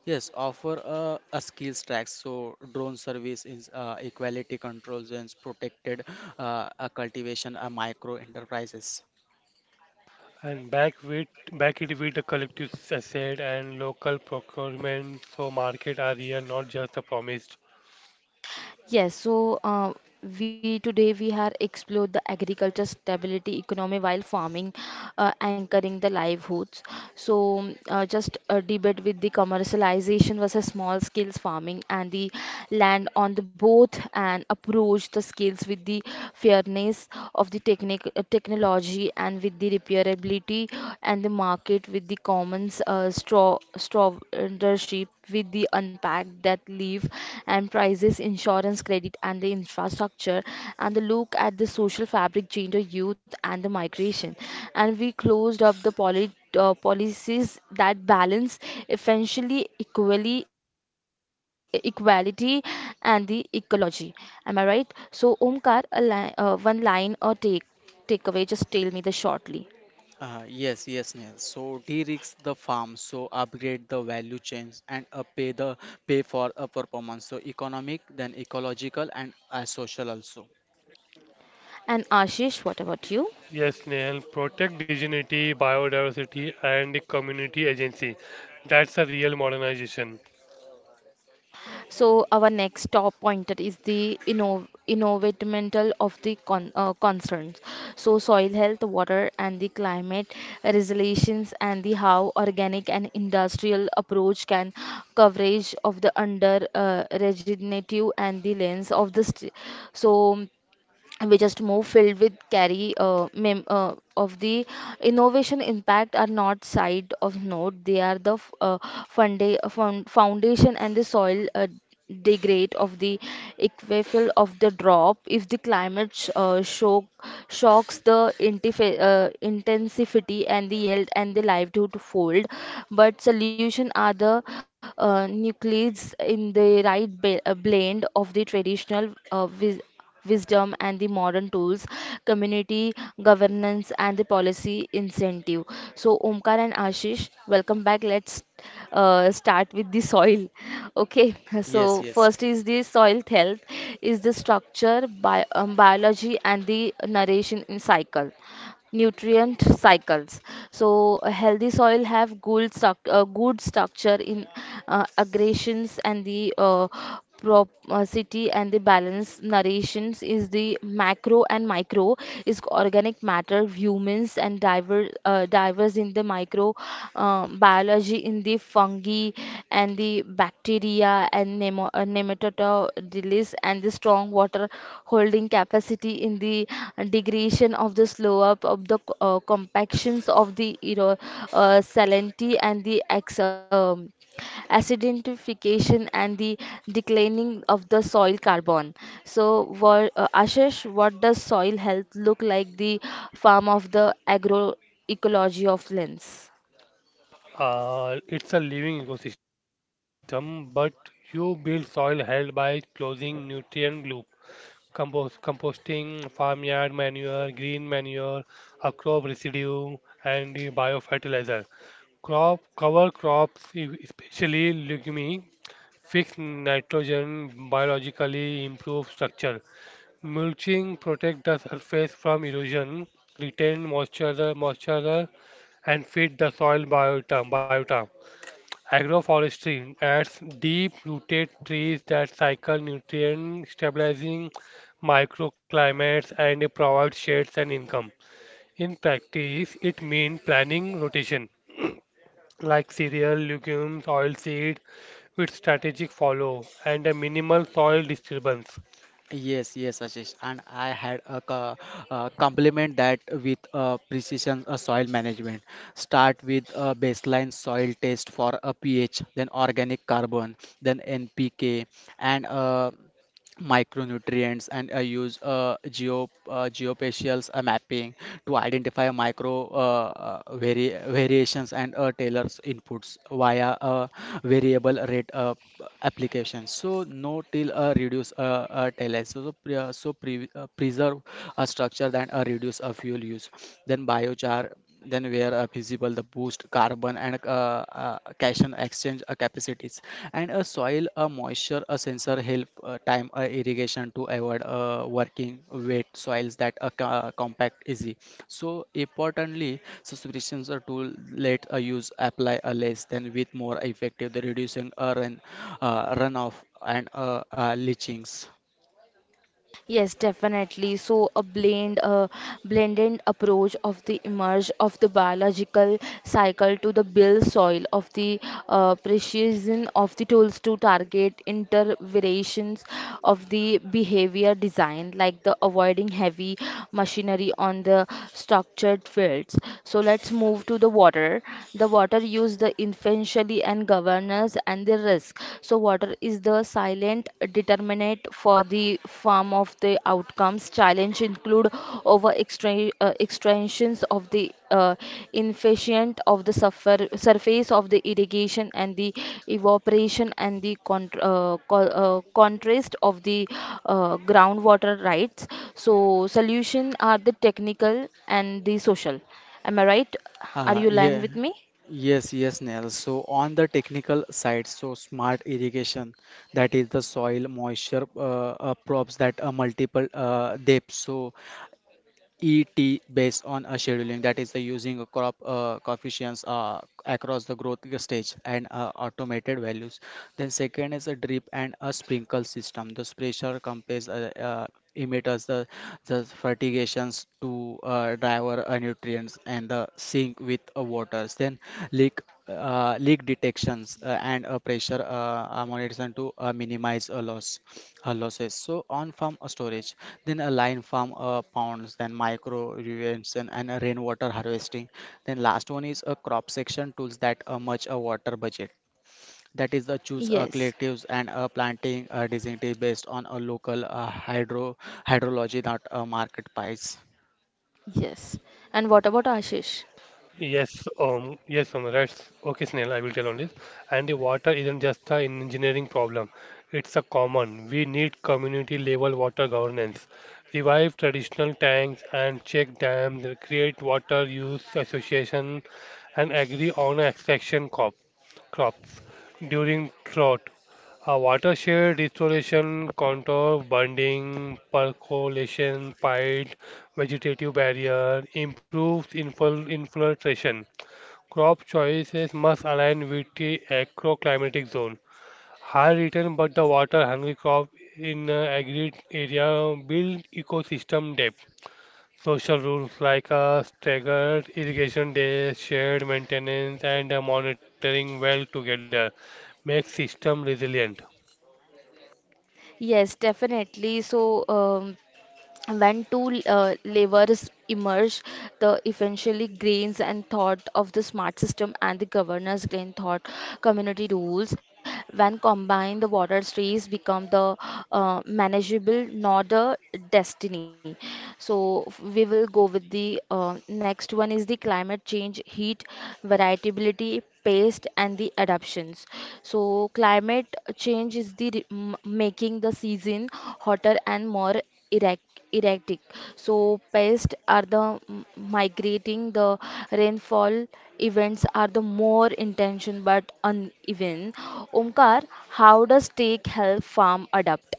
Yes, offer a skills track. So drone service is equality controls and protected cultivation micro enterprises.
and back it with the collective asset and local procurement so market are real, not just the promised.
Yes, so we today we have explored the agriculture stability economy while farming, anchoring the livelihoods. So, just a debate with the commercialization versus small scale farming and the land on the both and approach the skills with the fairness of the technology and with the repairability and the market with the commons strawship with the unpacked that leave and prices insurance credit and the infrastructure and the look at the social fabric, gender, youth, and the migration. And we closed up the policies that balance essentially equally, equality and the ecology. Am I right? So, Omkar, a one line or takeaway, just tell me the shortly.
Yes, yes, Neil. So de-risk the farm, so upgrade the value chains and pay for a performance. So economic, then ecological and social also.
And Ashish, what about you?
Yes, Neil, protect dignity, biodiversity, and the community agency. That's a real modernization.
So our next top pointer is the inno environmental of the concerns. So soil health, water and the climate resilience and the how organic and industrial approach can coverage of the under regenerative and the lens of the so we just move filled with carry of the innovation impact are not side of note. They are the foundation and the soil degrade of the equivalent of the drop if the climate shocks the intensity and the yield and the livelihood fold, but solution are the nucleus in the right blend of the traditional wisdom and the modern tools, community governance and the policy incentive. So, Omkar and Ashish, welcome back. Let's start with the soil. Okay,
Yes,
so
yes.
first is the soil health, is the structure, biology, and the narration in cycle nutrient cycles. So a healthy soil have good, good structure in aggregations and the propensity and the balance narrations is the macro and micro is organic matter humans and divers in the microbiology in the fungi and the bacteria and nematodes and the strong water holding capacity in the degradation of the slow up of the compactions of the salinity and the acidification and the declining of the soil carbon. So, what, Ashish, what does soil health look like the farm of the agroecology of lens?
It's a living ecosystem, but you build soil health by closing nutrient loop, composting, farmyard manure, green manure, a crop residue, and the biofertilizer. Crop cover crops, especially legume, fix nitrogen biologically, improve structure. Mulching protect the surface from erosion, retain moisture, and feed the soil biota. Agroforestry adds deep-rooted trees that cycle nutrients, stabilizing microclimates, and provide shades and income. In practice, it means planning rotation, like cereal, legumes, oilseed, with strategic follow and a minimal soil disturbance.
Yes, yes, Ashish. And I had a, co- uh, complement that with precision soil management. Start with a baseline soil test for a pH, then organic carbon, then NPK, and micronutrients and I use geo geospatial mapping to identify micro variations and tailors inputs via variable rate application. So no till reduce tailors so, so pre- preserve a structure, than reduce a fuel use, then biochar, then where are visible the boost carbon and cation exchange capacities, and a soil a moisture a sensor help time irrigation to avoid working wet soils that compact easy. So importantly subscriptions are tool let a use apply a less than with more effective the reducing runoff and leachings.
Yes, definitely. So a blended approach of the emerge of the biological cycle to the build soil of the precision of the tools to target interventions of the behavior design, like the avoiding heavy machinery on the structured fields. So let's move to the water, the water use the efficiency and governance and the risk. So water is the silent determinant for the farm of the outcomes challenge include extensions of the efficient of the surface of the irrigation and the evaporation and the contrast of the groundwater rights. So solution are the technical and the social. Am I right? Are you aligned
Yeah,
with me?
yes, yes, Nell. So on the technical side, so smart irrigation, that is the soil moisture probes that are multiple depths. So ET based on a scheduling, that is the using a crop coefficients across the growth stage and automated values. Then second is a drip and a sprinkle system. The pressure compares emitters, the fertigations to driver nutrients and the sink with waters. Then leak leak detections and a pressure monitoring to minimize losses. So on farm storage, then a line farm ponds, then micro irrigation and a rainwater harvesting, then last one is a crop section tools that much a water budget, that is the choose
Yes.
collectives and planting distinctive based on a local hydrology, not a market price.
Yes. And what about Ashish?
Yes, that's okay, Snail. I will tell on this. And the water isn't just an engineering problem, it's a common. We need community level water governance. Revive traditional tanks and check dams, create water use association, and agree on extraction crops during drought. A watershed restoration, contour, bonding, percolation, pipe vegetative barrier, improves infiltration. Crop choices must align with the agroclimatic zone. High return but the water hungry crop in agri area build ecosystem depth. Social rules like staggered irrigation days, shared maintenance, and monitoring well together make system resilient.
Yes, definitely. So, when two levers emerge, the eventually grains and thought of the smart system and the governance grain thought community rules. When combined, the water trees become the manageable, not the destiny. So we will go with the next one is the climate change, heat, variability, pace, and the adaptations. So climate change is the making the season hotter and more erratic. Erratic. So pests are the migrating. The rainfall events are the more intention but uneven. Omkar, how does take help farm adapt?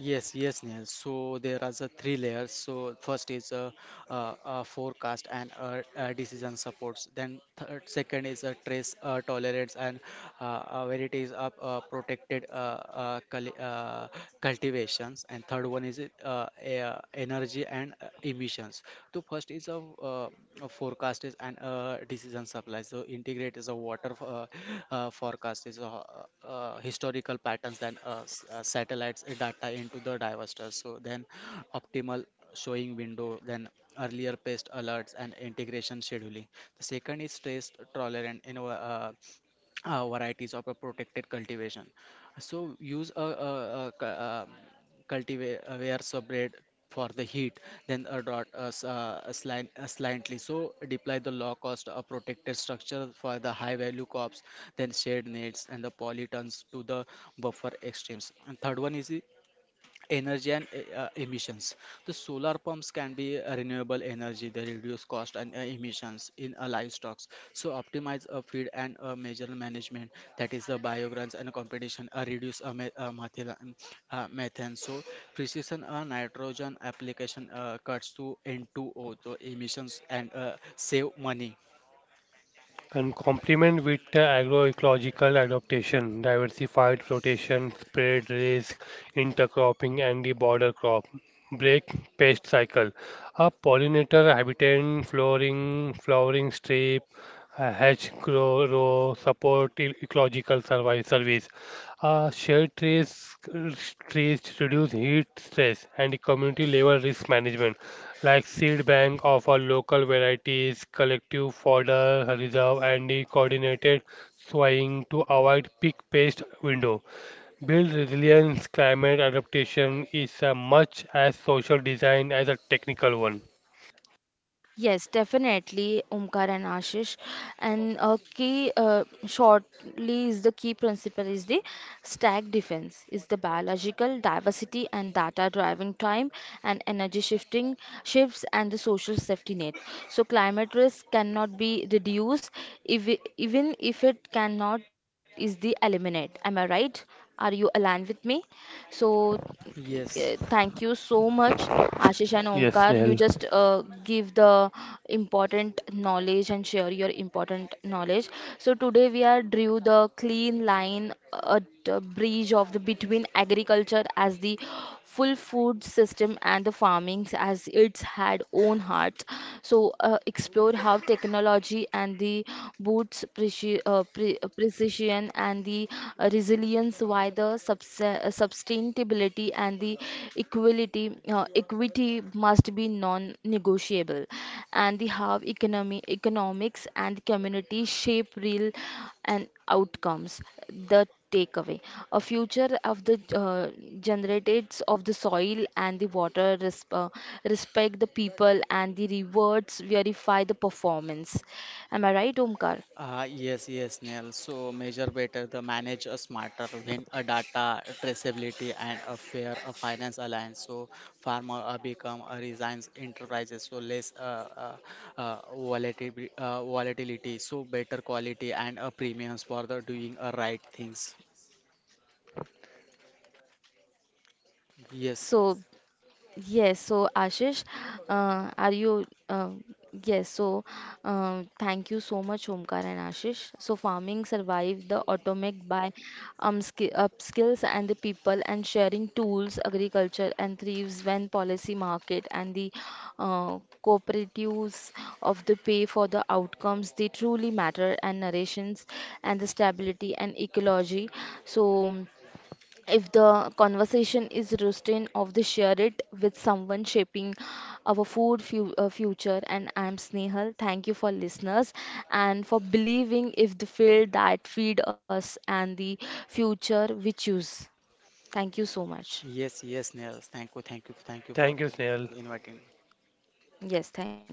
Yes, yes, Neil. So there are the three layers. So first is forecast and decision supports. Then second is trace tolerance and where it is protected cultivations. And third one is it, energy and emissions. So first is a uh, forecast is and decision supply. So integrate is a water forecast is a, historical patterns, than satellites data into the divestors. So then optimal showing window, than earlier pest alerts and integration scheduling. The second is stress tolerant in our, varieties of a protected cultivation. So use a cultivar subred for the heat, then a slightly so deploy the low cost protected structure for the high value crops, then shade nets and the polytons to the buffer extremes. And third one is energy and emissions. The solar pumps can be a renewable energy, they reduce cost and emissions. In a livestock, so optimize a feed and a major management, that is the biograms and competition reduce methane. So precision nitrogen application cuts to N2O so emissions and save money.
And complement with the agroecological adaptation, diversified rotation, spread risk, intercropping, and the border crop. Break pest cycle. A pollinator habitat, flowering strip, a hedge row, support ecological survival service. Shade trees reduce heat stress and community level risk management like seed bank of our local varieties, collective fodder reserve, and the coordinated sowing to avoid peak pest window. Build resilience, climate adaptation is a much as social design as a technical one.
Yes, definitely, Omkar and Ashish. And a key, is the key principle is the stack defense, is the biological diversity and data driving time and energy shifting shifts and the social safety net. So climate risk cannot be reduced, if, even if it cannot is the eliminate. Am I right? Are you aligned with me? So yeah,
Yes.
thank you so much, Ashish and
Yes,
Omkar.
Snail.
You just give the important knowledge and share your important knowledge. So today we are drew the clean line, a bridge of the between agriculture as the full food system and the farming as its had own heart. So explore how technology and the boots precision and the resilience, why the sustainability and the equality equity must be non-negotiable, and the how economy economics and community shape real and outcomes. The takeaway a future of the uh, generatives of the soil and the water respect the people and the rewards verify the performance. Am I right, Omkar?
Yes, yes, Neil. So measure better, the manage a smarter, win a data traceability and a fair a finance alliance. So farmer become a resigns enterprises. So less volatility. So better quality and premiums for the doing right things. Yes,
So yes, so Ashish, are you? Yes, so thank you so much, Omkar and Ashish. So farming survived the atomic by ski upskills and the people and sharing tools, agriculture and thrives when policy market and the uh, cooperatives of the pay for the outcomes they truly matter and narrations and the stability and ecology. So if the conversation is routine of the share it with someone shaping our food future. And I'm Snehal, thank you for listeners and for believing if the field that feed us and the future we choose. Thank you so much.
yes, yes, Neil. Thank you, thank you, thank you
Thank
for
you, Snail.
inviting.
Yes, thank you.